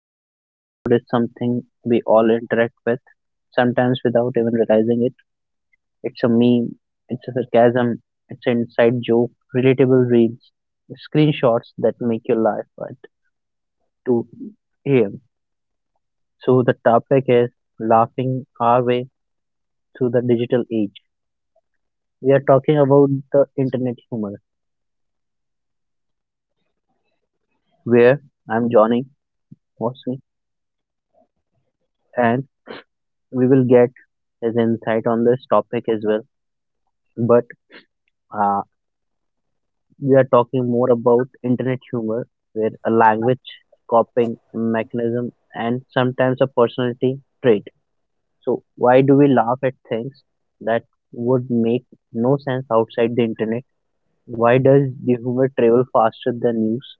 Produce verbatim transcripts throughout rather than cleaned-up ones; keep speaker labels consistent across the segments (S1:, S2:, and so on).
S1: and today episode is something we all interact with, sometimes without even realizing it. It's a meme, it's a sarcasm, it's an inside joke, relatable reels, screenshots that make you laugh at two a m. So the topic is laughing our way through the digital age. We are talking about the internet humor. Where I'm Johnny, what's me? And we will get his insight on this topic as well. But uh, we are talking more about internet humor, where a language, coping mechanism, and sometimes a personality trait. So, why do we laugh at things that would make no sense outside the internet? Why does the humor travel faster than news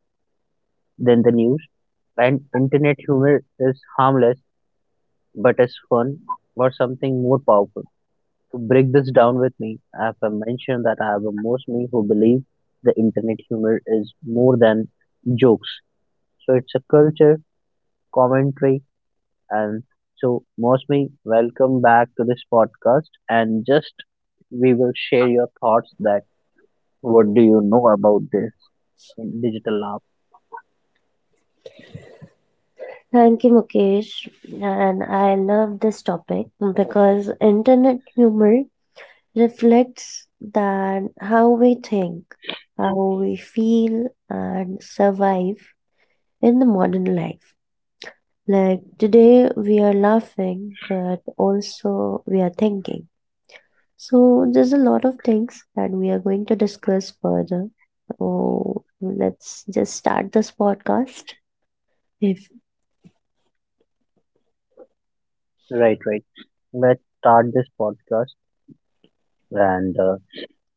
S1: than the news? And internet humor is harmless but is fun or something more powerful to break this down with me, I have uh, mentioned that I have a most me who believe the internet humor is more than jokes. So it's a culture, commentary, and so most me, welcome back to this podcast and just we will share your thoughts that what do you know about this digital laugh.
S2: Thank you, Mukesh. And I love this topic because internet humor reflects that how we think, how we feel, and survive in the modern life. Like today, we are laughing, but also we are thinking. So, there's a lot of things that we are going to discuss further. So, let's just start this podcast. If
S1: Right, right. Let's start this podcast and uh,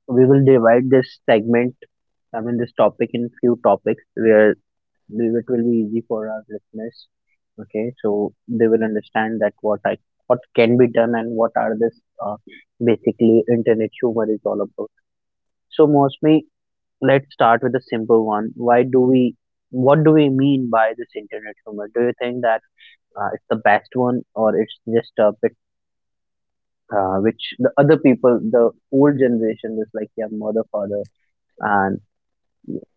S1: we will divide this segment, I mean this topic in few topics where believe it will be easy for our listeners, okay, so they will understand that what I what can be done and what are this uh, basically internet humor is all about. So mostly let's start with a simple one. Why do we what do we mean by this internet humor? Do you think that uh, it's the best one or it's just a bit, uh, which the other people, the old generation, is like your mother father and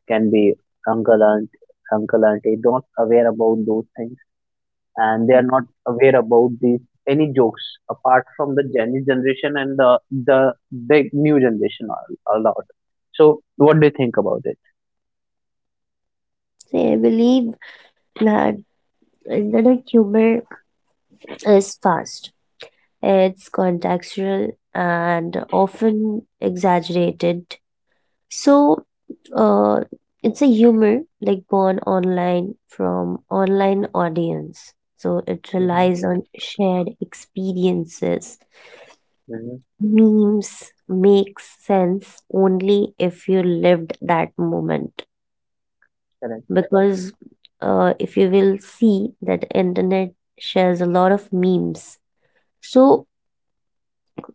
S1: can be uncle aunt uncle auntie, not aware about those things? And they are not aware about these any jokes apart from the Gen Z generation and the the big new generation a, a lot. So what do you think about it?
S2: they believe that Internet humor is fast, it's contextual, and often exaggerated. So, uh, it's a humor like born online from online audience. So it
S1: Mm-hmm.
S2: relies on shared experiences.
S1: Mm-hmm.
S2: Memes makes sense only if you lived that moment
S1: Correct.
S2: because uh, if you will see that internet shares a lot of memes. So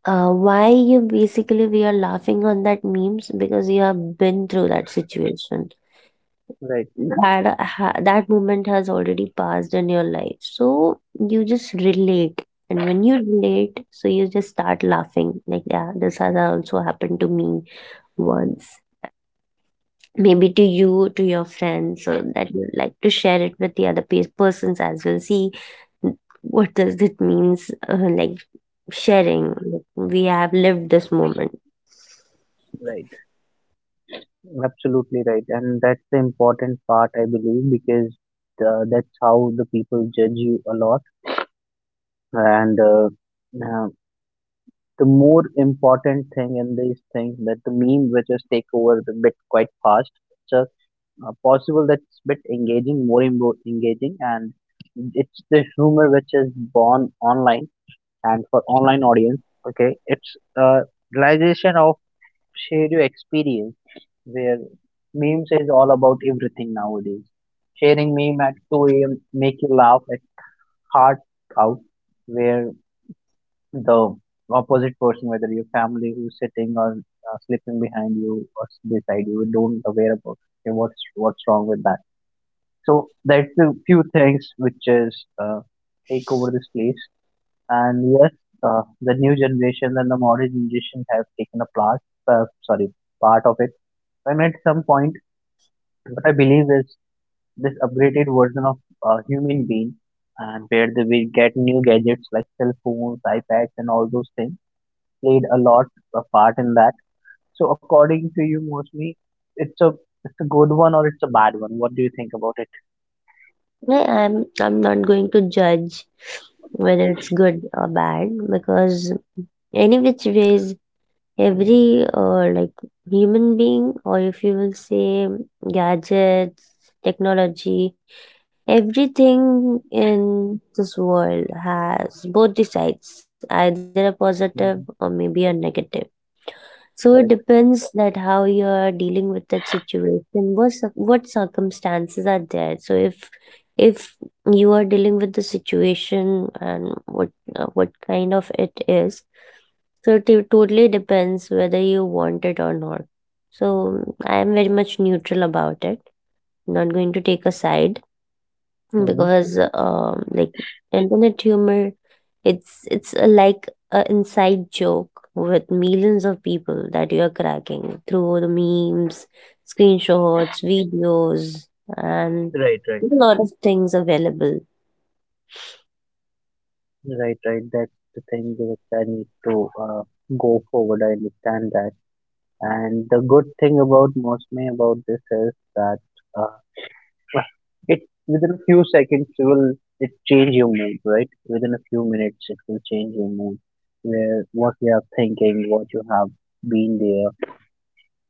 S2: Uh, why you basically we are laughing on that memes because you have been through that situation.
S1: Right.
S2: That ha that moment has already passed in your life, so you just relate. And when you relate, so you just start laughing like, yeah, this has also happened to me once. Maybe to you, to your friends, so that you like to share it with the other pe persons as well. See, what does it means uh, like sharing? Like, we have lived this moment.
S1: Right. Absolutely right. And that's the important part, I believe, because uh, that's how the people judge you a lot. And uh, uh, the more important thing in these things that the meme which is take over the bit quite fast. It's just uh, possible that it's bit engaging, more and more engaging, and it's the humor which is born online and for online audience. Okay, it's a realization of share your experience where memes is all about everything nowadays. Sharing meme at two a m make you laugh at heart out where the opposite person, whether your family who's sitting or uh, sleeping behind you or beside you, don't aware about okay, what's what's wrong with that. So that's the few things which is uh, take over this place. And yes, uh, the new generation and the modern generation have taken a part, uh, sorry, part of it. And at some point, what I believe is this upgraded version of a human being, and where they will get new gadgets like cell phones, iPads, and all those things played a lot a part in that. So according to you, mostly it's a it's a good one or it's a bad one. What do you think about it?
S2: No, I'm I'm not going to judge whether it's good or bad because any which ways every uh, like human being or if you will say gadgets technology everything in this world has both the sides, either a positive or
S1: Hmm.
S2: maybe a negative. So it
S1: Correct.
S2: depends that how you're dealing with that situation, what cir- what circumstances are there. So if if you are dealing with the situation and what uh, what kind of it is, so it t- totally depends whether you want it or not. So I am very much neutral about it. Not going to take a side
S1: Hmm.
S2: because um like internet humor, it's it's a, like a inside joke with millions of people that you are cracking through the memes, screenshots, videos, and
S1: Right, right,
S2: a lot of things available.
S1: right, right. That's the thing which I need to uh, go forward. I understand that. And the good thing about mostly about this is that uh, it within a few seconds you will it change your mood, right? Within a few minutes it will change your mood. Where what you are thinking, what you have been there,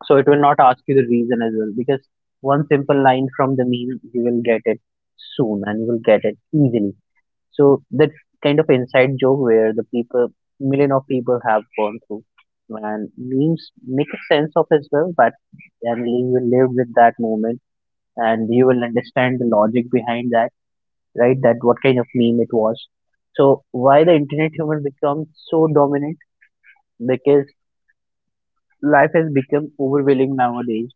S1: so it will not ask you the reason as well because one simple line from the meme you will get it soon and you will get it easily. So that's kind of inside joke where the people million of people have gone through, and memes make a sense of as well. But and you will live with that moment and you will understand the logic behind that, right? That what kind of meme it was. So why the internet humor becomes so dominant? Because life has become overwhelming nowadays.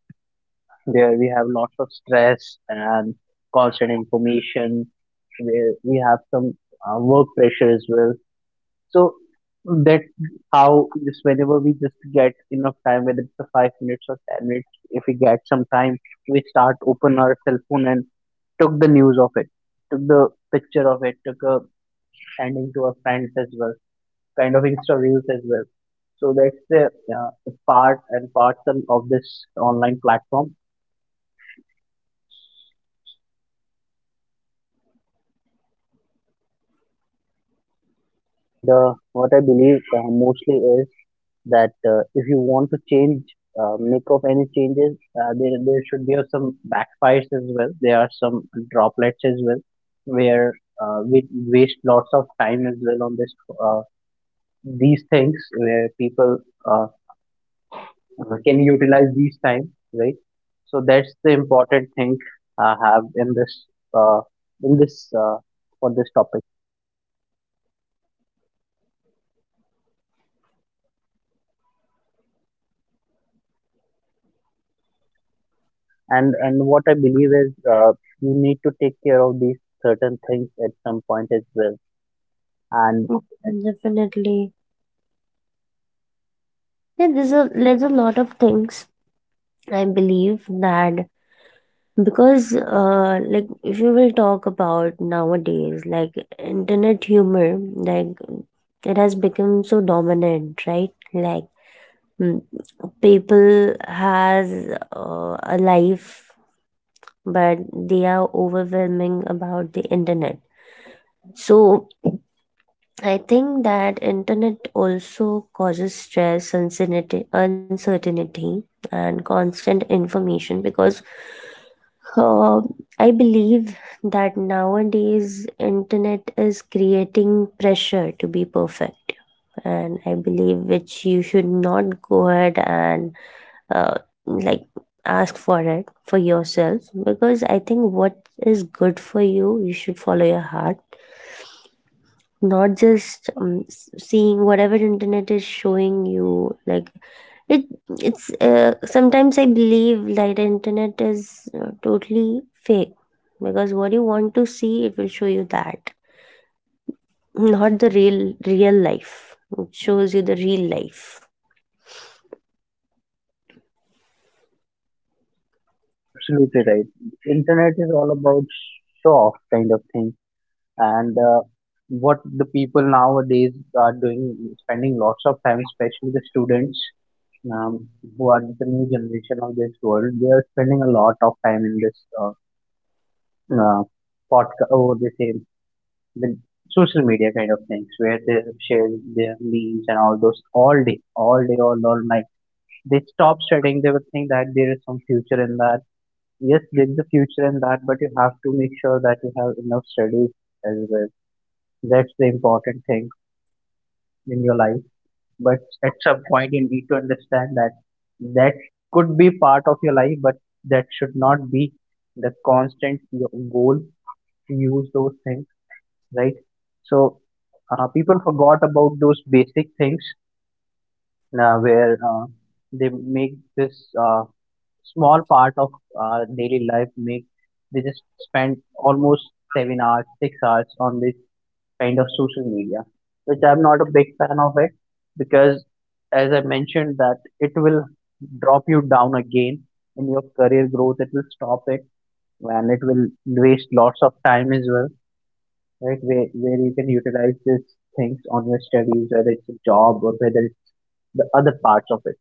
S1: There we have lots of stress and constant information. Where we have some uh, work pressure as well. So that's how just whenever we just get enough time, whether it's a five minutes or ten minutes, if we get some time, we start open our cell phone and took the news of it, took the picture of it, took a sending to our friends as well, kind of Insta reels as well. So that's the uh, the part and parcel of this online platform. And uh, what I believe uh, mostly is that uh, if you want to change, uh, make of any changes, uh, there there should be uh, some backfires as well. There are some droplets as well, where uh, we waste lots of time as well on this uh, these things where people uh, can utilize these time, right? So that's the important thing I have in this uh, in this uh, for this topic. and and what I believe is uh, you need to take care of these certain things at some point as well. And
S2: And definitely yeah, there's a, there's a lot of things I believe that, because uh, like if you will talk about nowadays, like internet humor, like it has become so dominant, right? Like mm, people has uh, a life, but they are overwhelming about the internet. So I think that internet also causes stress, uncertainty uncertainty and constant information because Uh, I believe that nowadays internet is creating pressure to be perfect, and I believe which you should not go ahead and uh, like ask for it for yourself, because I think what is good for you, you should follow your heart, not just um, s- seeing whatever internet is showing you. Like it, it's uh, sometimes I believe like the internet is uh, totally fake, because what you want to see it will show you that, not the real. Real life, it shows you the real life.
S1: absolutely right, internet is all about show off kind of thing, and uh, what the people nowadays are doing, spending lots of time, especially the students. Um, who are the new generation of this world? They are spending a lot of time in this uh, uh, podcast. Oh, they say the social media kind of things where they share their memes and all those all day, all day, all, all night. They stop studying. They would think that there is some future in that. Yes, there's a future in that, but you have to make sure that you have enough studies as well. That's the important thing in your life. But at some point, you need to understand that that could be part of your life, but that should not be the constant your goal to use those things, right? So uh, people forgot about those basic things uh, where uh, they make this uh, small part of uh, daily life make they just spend almost seven hours six hours on this kind of social media, which I'm not a big fan of it because as I mentioned that it will drop you down again in your career growth. It will stop it and it will waste lots of time as well, right? Where where you can utilize these things on your studies, whether it's a job or whether it's the other parts of it.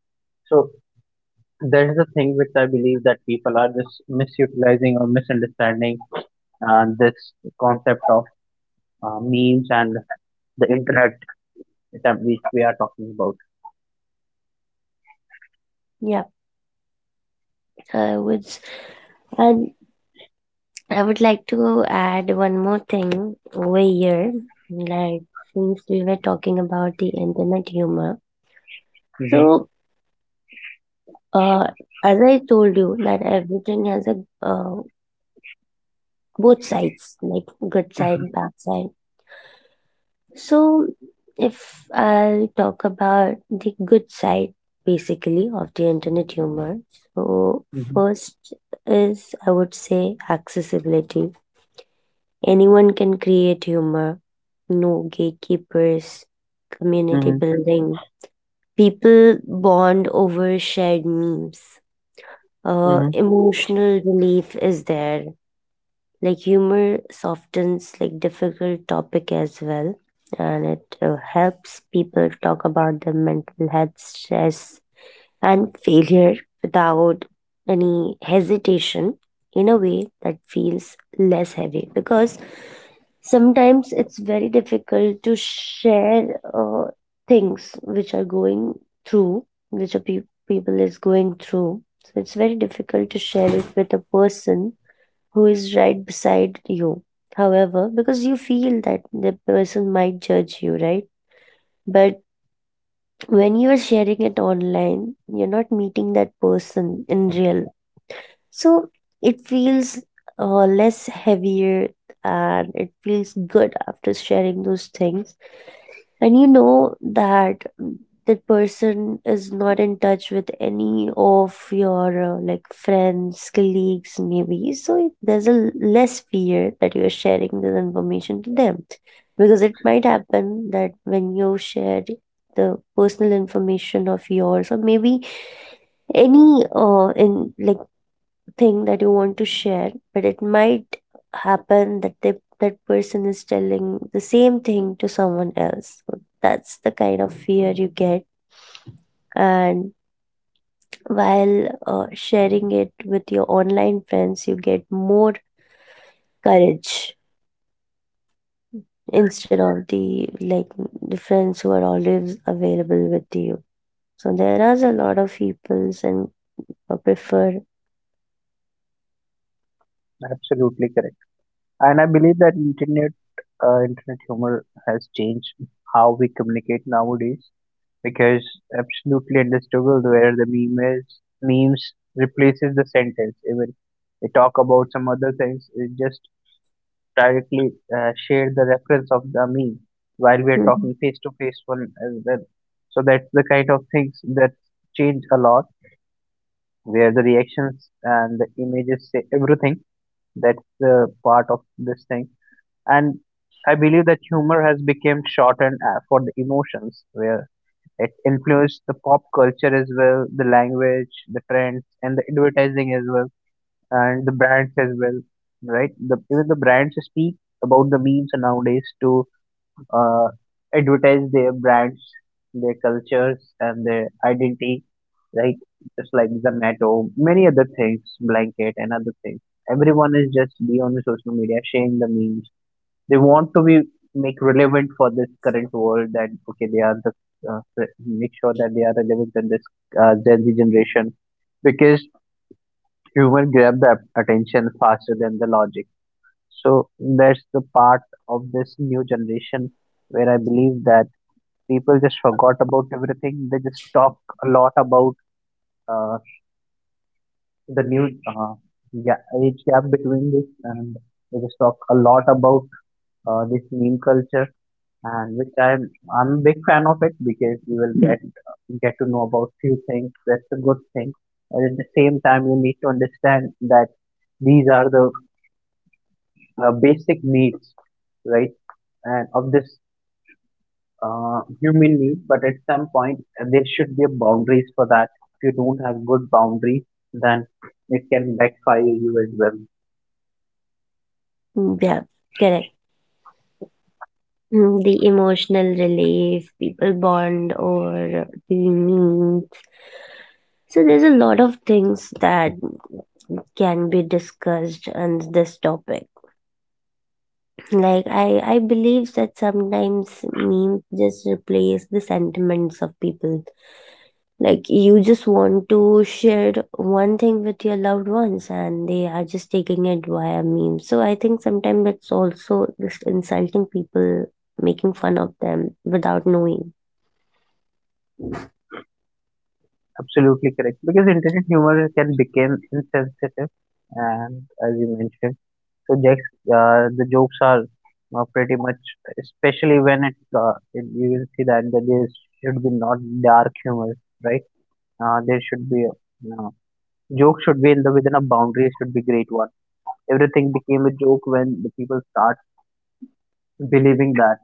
S1: So that is the thing which I believe that people are just misutilizing or misunderstanding uh, this concept of uh, memes and the internet that we, we are talking about.
S2: Yeah, so I would s- and I would like to add one more thing over here, like since we were talking about the internet humor.
S1: Mm-hmm.
S2: So uh as I told you that everything has a, uh, both sides, like good
S1: Mm-hmm.
S2: side, bad side. So, if I'll talk about the good side basically of the internet humor, so first is I would say accessibility. Anyone can create humor, no gatekeepers, community
S1: Mm-hmm.
S2: building. People bond over shared memes. Uh,
S1: Mm-hmm.
S2: emotional relief is there, like humor softens like difficult topic as well, and it uh, helps people talk about their mental health, stress, and failure without any hesitation, in a way that feels less heavy, because sometimes it's very difficult to share uh, things which are going through, which a pe- people is going through. So it's very difficult to share it with a person who is right beside you. However, because you feel that the person might judge you, right? But when you are sharing it online, you're not meeting that person in real. So it feels uh, less heavier, and it feels good after sharing those things, and you know that that person is not in touch with any of your uh, like friends, colleagues maybe, so there's a l- less fear that you are sharing this information to them, because it might happen that when you share the personal information of yours, or maybe any uh in like thing that you want to share, but it might happen that they, that person is telling the same thing to someone else, so that's the kind of fear you get. And while uh, sharing it with your online friends you get more courage, instead of the, like, the friends who are always available with you. So there are a lot of peoples and uh, prefer.
S1: Absolutely correct. And I believe that internet uh, internet humor has changed how we communicate nowadays because absolutely understandable where the meme is memes replaces the sentence. Even they talk about some other things, it just directly uh, share the reference of the meme while we are
S2: Mhm.
S1: talking face to face one as well. So that's the kind of things that change a lot, where the reactions and the images say everything. That's the part of this thing. And I believe that humor has become shorthand uh, for the emotions, where it influenced the pop culture as well, the language, the trends, and the advertising as well, and the brands as well, right? The, even the brands speak about the memes nowadays to uh, advertise their brands, their cultures, and their identity, right? Just like Zomato, many other things, blanket, and other things. Everyone is just be on the social media sharing the memes. They want to be make relevant for this current world that okay they are the uh, re- make sure that they are relevant in this uh, Gen Z generation because humans grab the attention faster than the logic. So that's the part of this new generation where I believe that people just forgot about everything. They just talk a lot about uh, the new uh, ga- age gap between this, and they just talk a lot about uh, this meme culture, and which I'm I'm a big fan of it because you will Hmm. get get to know about few things. That's a good thing, and at the same time, you need to understand that these are the uh, basic needs, right? And of this uh, human need, but at some point uh, there should be a boundaries for that. If you don't have good boundaries, then it can backfire you as well.
S2: Yeah, correct. Mm, the emotional relief, people bond over the meat. So there's a lot of things that can be discussed on this topic. Like I, I believe that sometimes memes just replace the sentiments of people. Like you just want to share one thing with your loved ones, and they are just taking it via meme. So I think sometimes it's also just insulting people, making fun of them without knowing.
S1: Absolutely correct. Because internet humor can become insensitive, and as you mentioned. So jokes, uh, the jokes are uh, pretty much, especially when it, uh, it you will see that that there should be not dark humor, right? Uh, there should be a, uh, joke should be in the within a boundary should be great one. Everything became a joke when the people start believing that.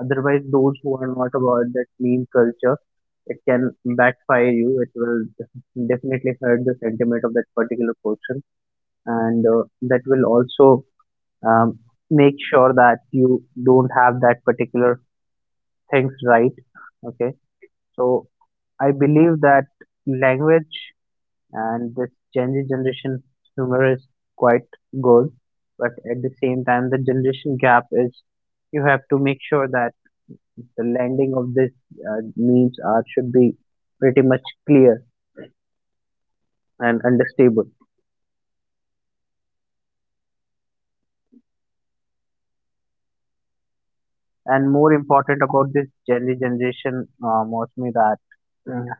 S1: Otherwise, those who are not about that meme culture, it can backfire you. It will definitely hurt the sentiment of that particular person, and uh, that will also um, make sure that you don't have that particular things, right? Okay, so I believe that language and this Gen Z generation humor is quite good, but at the same time the generation gap is, you have to make sure that the landing of this uh, memes are should be pretty much clear and understandable. And more important about this Gen Z generation, uh, mostly that uh,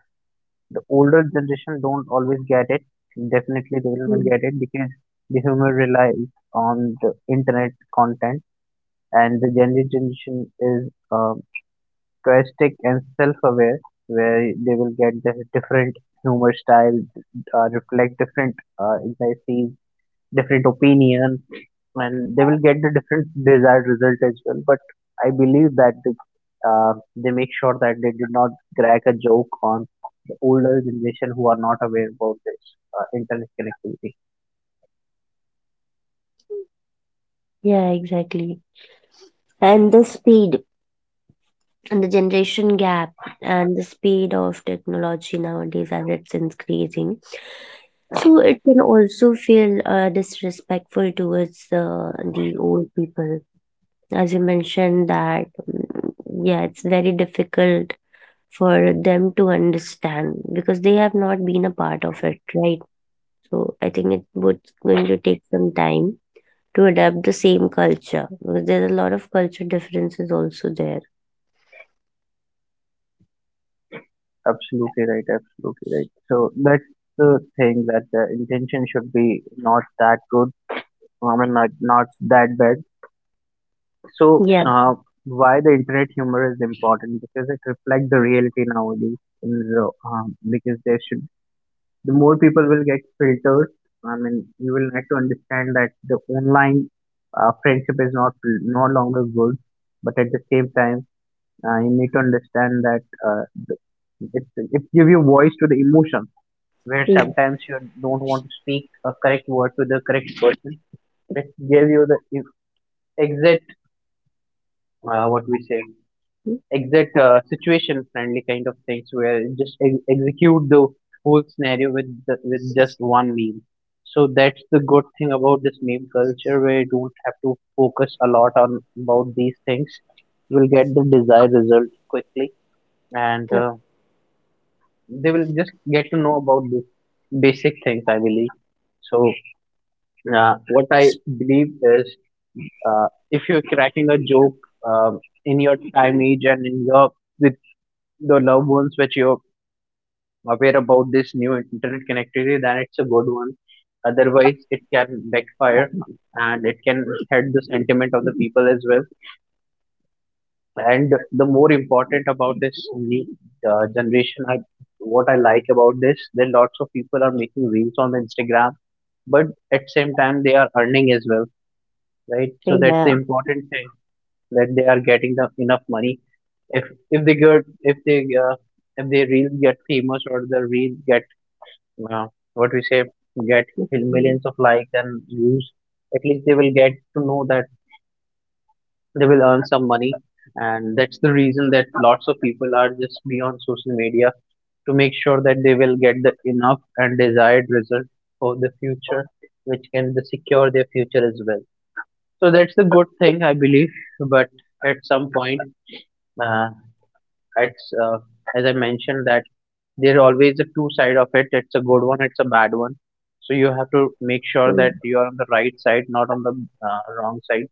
S1: the older generation don't always get it. Definitely, they will not get it because the humor relies on the internet content, and the Gen Z generation is um, characteristic and self-aware, where they will get the different humor style, uh, reflect different uh, anxieties, different opinion, and they will get the different desired result as well. But I believe that the, uh, they make sure that they did not crack a joke on the older generation who are not aware about this uh, internet connectivity.
S2: Yeah, exactly. And the speed and the generation gap and the speed of technology nowadays as it's increasing. So it can also feel uh, disrespectful towards uh, the old people. As you mentioned that, mm, yeah, it's very difficult for them to understand because they have not been a part of it, right? So I think it would going to take some time to adapt the same culture because there's a lot of culture differences also there.
S1: Absolutely right, absolutely right. So that's the thing, that the intention should be not that good. I mean, not, not that bad. so
S2: Yeah.
S1: uh, why the internet humor is important, because it reflects the reality nowadays in the, um, because there should, the more people will get filtered. I mean, you will get to understand that the online uh, friendship is not no longer good, but at the same time, uh, you need to understand that uh, the- it it give you voice to the emotion where
S2: Mm-hmm.
S1: sometimes you don't want to speak a correct word to the correct person. It give you the e- exact uh, what we say. Exact uh, situation friendly kind of things where you just ex- execute the whole scenario with the, with just one meme. So that's the good thing about this meme culture, where you don't have to focus a lot on about these things. You will get the desired result quickly. And uh, they will just get to know about the basic things, I believe. So uh, what I believe is, uh, if you're cracking a joke, um, in your time age and in your with the loved ones which you're aware about this new internet connectivity, then it's a good one. Otherwise, it can backfire and it can hurt the sentiment of the people as well. And the more important about this new uh, generation, I, what I like about this, that lots of people are making reels on Instagram, but at same time they are earning as well, right? So that's the
S2: Yeah.
S1: important thing, that they are getting the enough money. If if they get if they uh, if their reels get famous or the reels get uh, what we say get
S2: Mm.
S1: millions of likes and views, at least they will get to know that they will earn some money. And that's the reason that lots of people are just be on social media, to make sure that they will get the enough and desired result for the future, which can the secure their future as well. So that's the good thing, I believe. But at some point, uh, it's, uh, as I mentioned that there always a two side of it. It's a good one, it's a bad one. So you have to make sure
S2: Yeah.
S1: that you are on the right side, not on the uh, wrong side.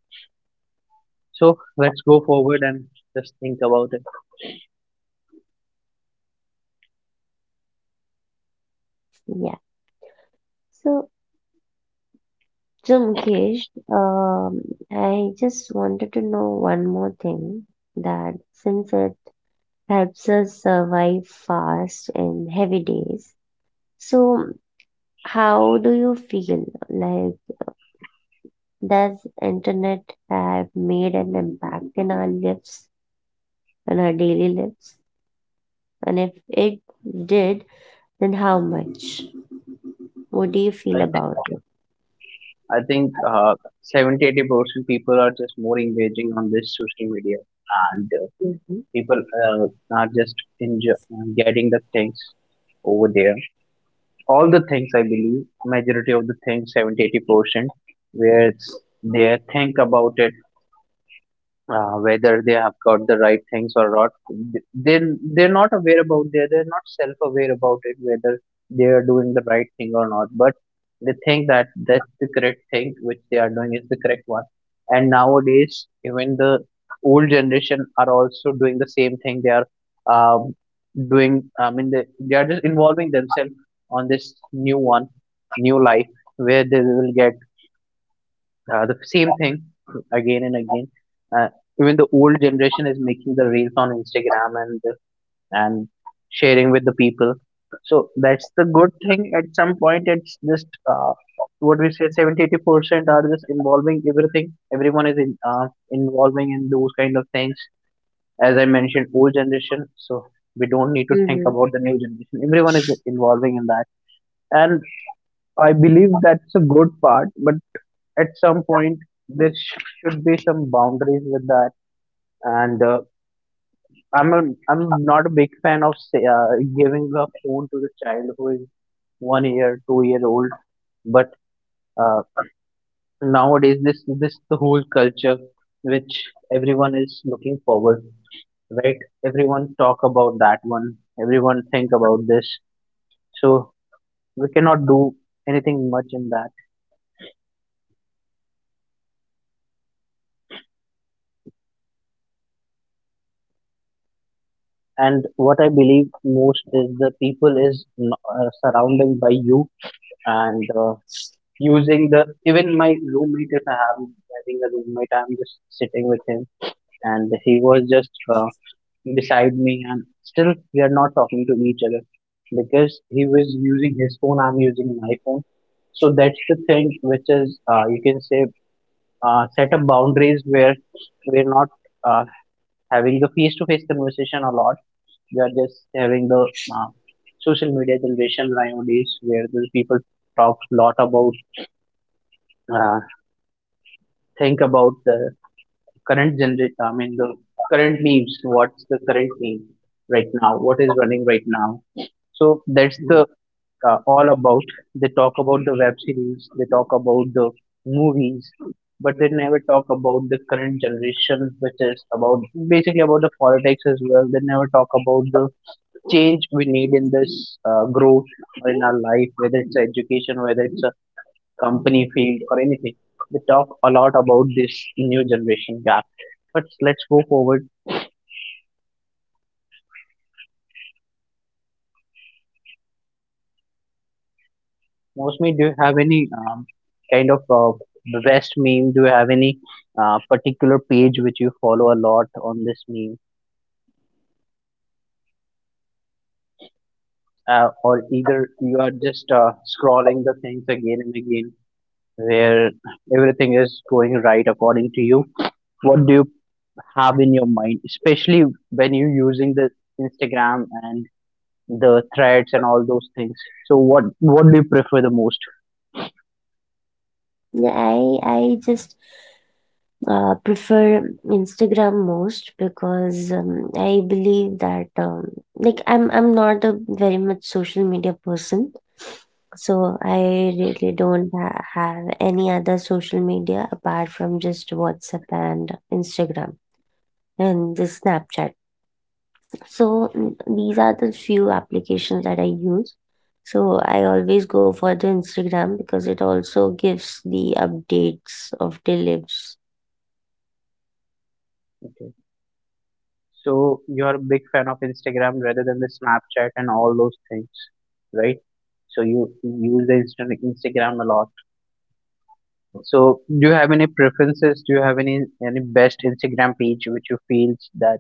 S1: So let's go forward and just think about it.
S2: Yeah. So, so Mukesh, um, I just wanted to know one more thing, that since it helps us survive fast in heavy days, so how do you feel? Like, does internet have made an impact in our lives, in our daily lives? And if it did, then how much? What do you feel
S1: I think,
S2: about it?
S1: I think uh, seventy percent people are just more engaging on this social media, and uh,
S2: Mm-hmm.
S1: people uh, are just enjoy, getting the things over there. All the things I believe, majority of the things, seventy eighty percent, where they think about it uh, whether they have got the right things or not. They they're not aware about, they they're not self aware about it, whether they are doing the right thing or not. But they think that that's the correct thing which they are doing is the correct one. And nowadays even the old generation are also doing the same thing. They are um, doing, I mean, they, they are just involving themselves on this new one, new life, where they will get uh, the same thing again and again. Uh, Even the old generation is making the reels on Instagram and and sharing with the people. So that's the good thing. At some point, it's just uh, what we say seventy eighty percent are just involving everything. Everyone is in, uh, involving in those kind of things. As I mentioned, old generation. So we don't need to
S2: Mm-hmm.
S1: think about the new generation. Everyone is involving in that, and I believe that's a good part. But at some point there sh- should be some boundaries with that. And uh, i'm a, I'm not a big fan of say, uh, giving a phone to the child who is one year two year old. But uh, nowadays this this the whole culture, which everyone is looking forward, right? Everyone talk about that one, everyone think about this. So we cannot do anything much in that. And what I believe most is the people is n- uh, surrounded by you, and uh, using the, even my roommate, if I have having a roommate, I'm just sitting with him, and he was just uh, beside me and still we are not talking to each other, because he was using his phone, I'm using my phone. So that's the thing which is uh, you can say uh, set up boundaries, where we're not uh, having the face-to-face conversation a lot. We are just having the uh, social media generation nowadays, where the people talk a lot about, uh, think about the current generation, I mean, the current memes, what's the current meme right now, what is running right now. So that's the uh, all about. They talk about the web series, they talk about the movies, but they never talk about the current generation, which is about basically about the politics as well. They never talk about the change we need in this uh, growth or in our life, whether it's education, whether it's a company field or anything. They talk a lot about this new generation gap. But let's go forward. Mostly, do you have any um, kind of uh, best meme? Do you have any uh, particular page which you follow a lot on this meme? Uh, or either you are just uh, scrolling the things again and again, where everything is going right according to you. What do you have in your mind, especially when you're using the Instagram and the threads and all those things? So, what what do you prefer the most?
S2: Yeah, I I just uh, prefer Instagram most, because um, I believe that um, like I'm I'm not a very much social media person, so I really don't ha have any other social media apart from just WhatsApp and Instagram and the Snapchat. So mm, these are the few applications that I use. So I always go for the Instagram because it also gives the updates of the lives.
S1: So you're a big fan of Instagram rather than the Snapchat and all those things, right? So you use the Insta- Instagram a lot. So do you have any preferences? Do you have any any best Instagram page which you feels that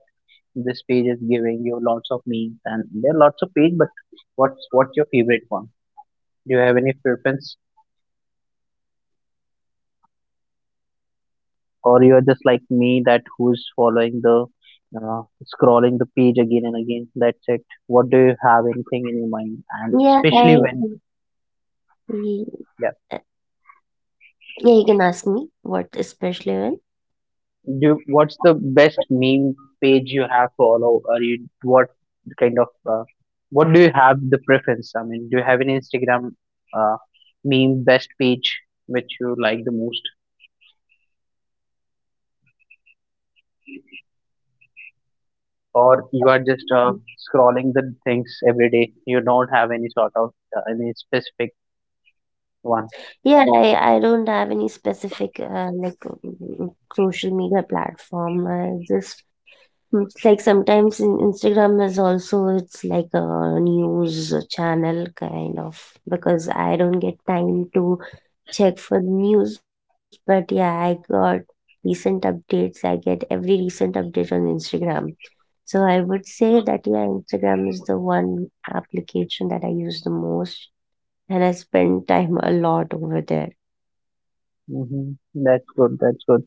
S1: this page is giving you lots of memes, and there are lots of page, but what's what's your favorite one? Do you have any preference, or you are just like me that who's following the uh, scrolling the page again and again? That's it. What do you have anything in your mind? And
S2: Yeah,
S1: especially
S2: i
S1: when,
S2: y-
S1: yeah.
S2: yeah, you can ask me what especially when.
S1: Do what's the best meme page you have follow or you what kind of uh, what do you have the preference? I mean, do you have an Instagram uh, meme best page which you like the most, or you are just uh, scrolling the things every day? You don't have any sort of uh, any specific one.
S2: Yeah, i i don't have any specific uh, like, mm, mm, mm, social media platform. i just Mm, It's like sometimes in Instagram is also, it's like a news channel kind of, because I don't get time to check for the news, but yeah, I got recent updates. I get every recent update on Instagram. So I would say that yeah, Instagram is the one application that I use the most and I spend time a lot over there.
S1: Hmm. That's good, that's good.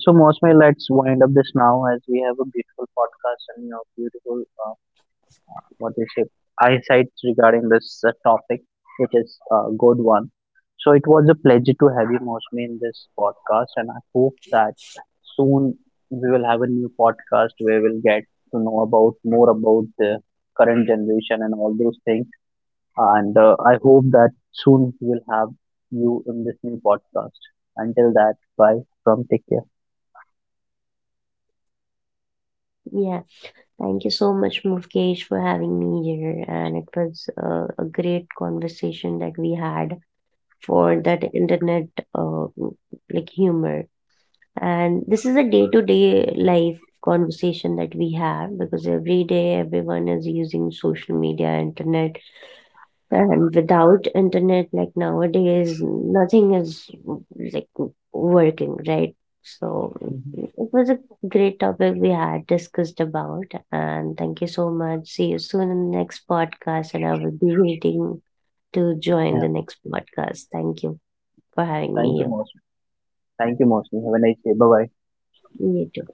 S1: So, Mosme, let's wind up this now as we have a beautiful podcast and you know beautiful uh, what we say eyesight regarding this uh, topic, which is a good one. So it was a pleasure to have you, Mosme, in this podcast, and I hope that soon we will have a new podcast where we'll get to know about more about the current generation and all those things. And uh, I hope that soon we'll have you in this new podcast. Until that, bye from, take care.
S2: Yeah. Thank you so much, Mufkesh, for having me here. And it was uh, a great conversation that we had for that internet uh, like humor. And this is a day-to-day life conversation that we have because every day everyone is using social media, internet. And without internet, like nowadays, nothing is like working, right? So
S1: Mhm.
S2: it was a great topic we had discussed about. And thank you so much. See you soon in the next podcast. And I will be waiting to join
S1: Yeah,
S2: the next podcast. Thank you for having me
S1: thank you,
S2: here.
S1: Mosme. Thank you, Mosme. Have a nice day. Bye bye.
S2: You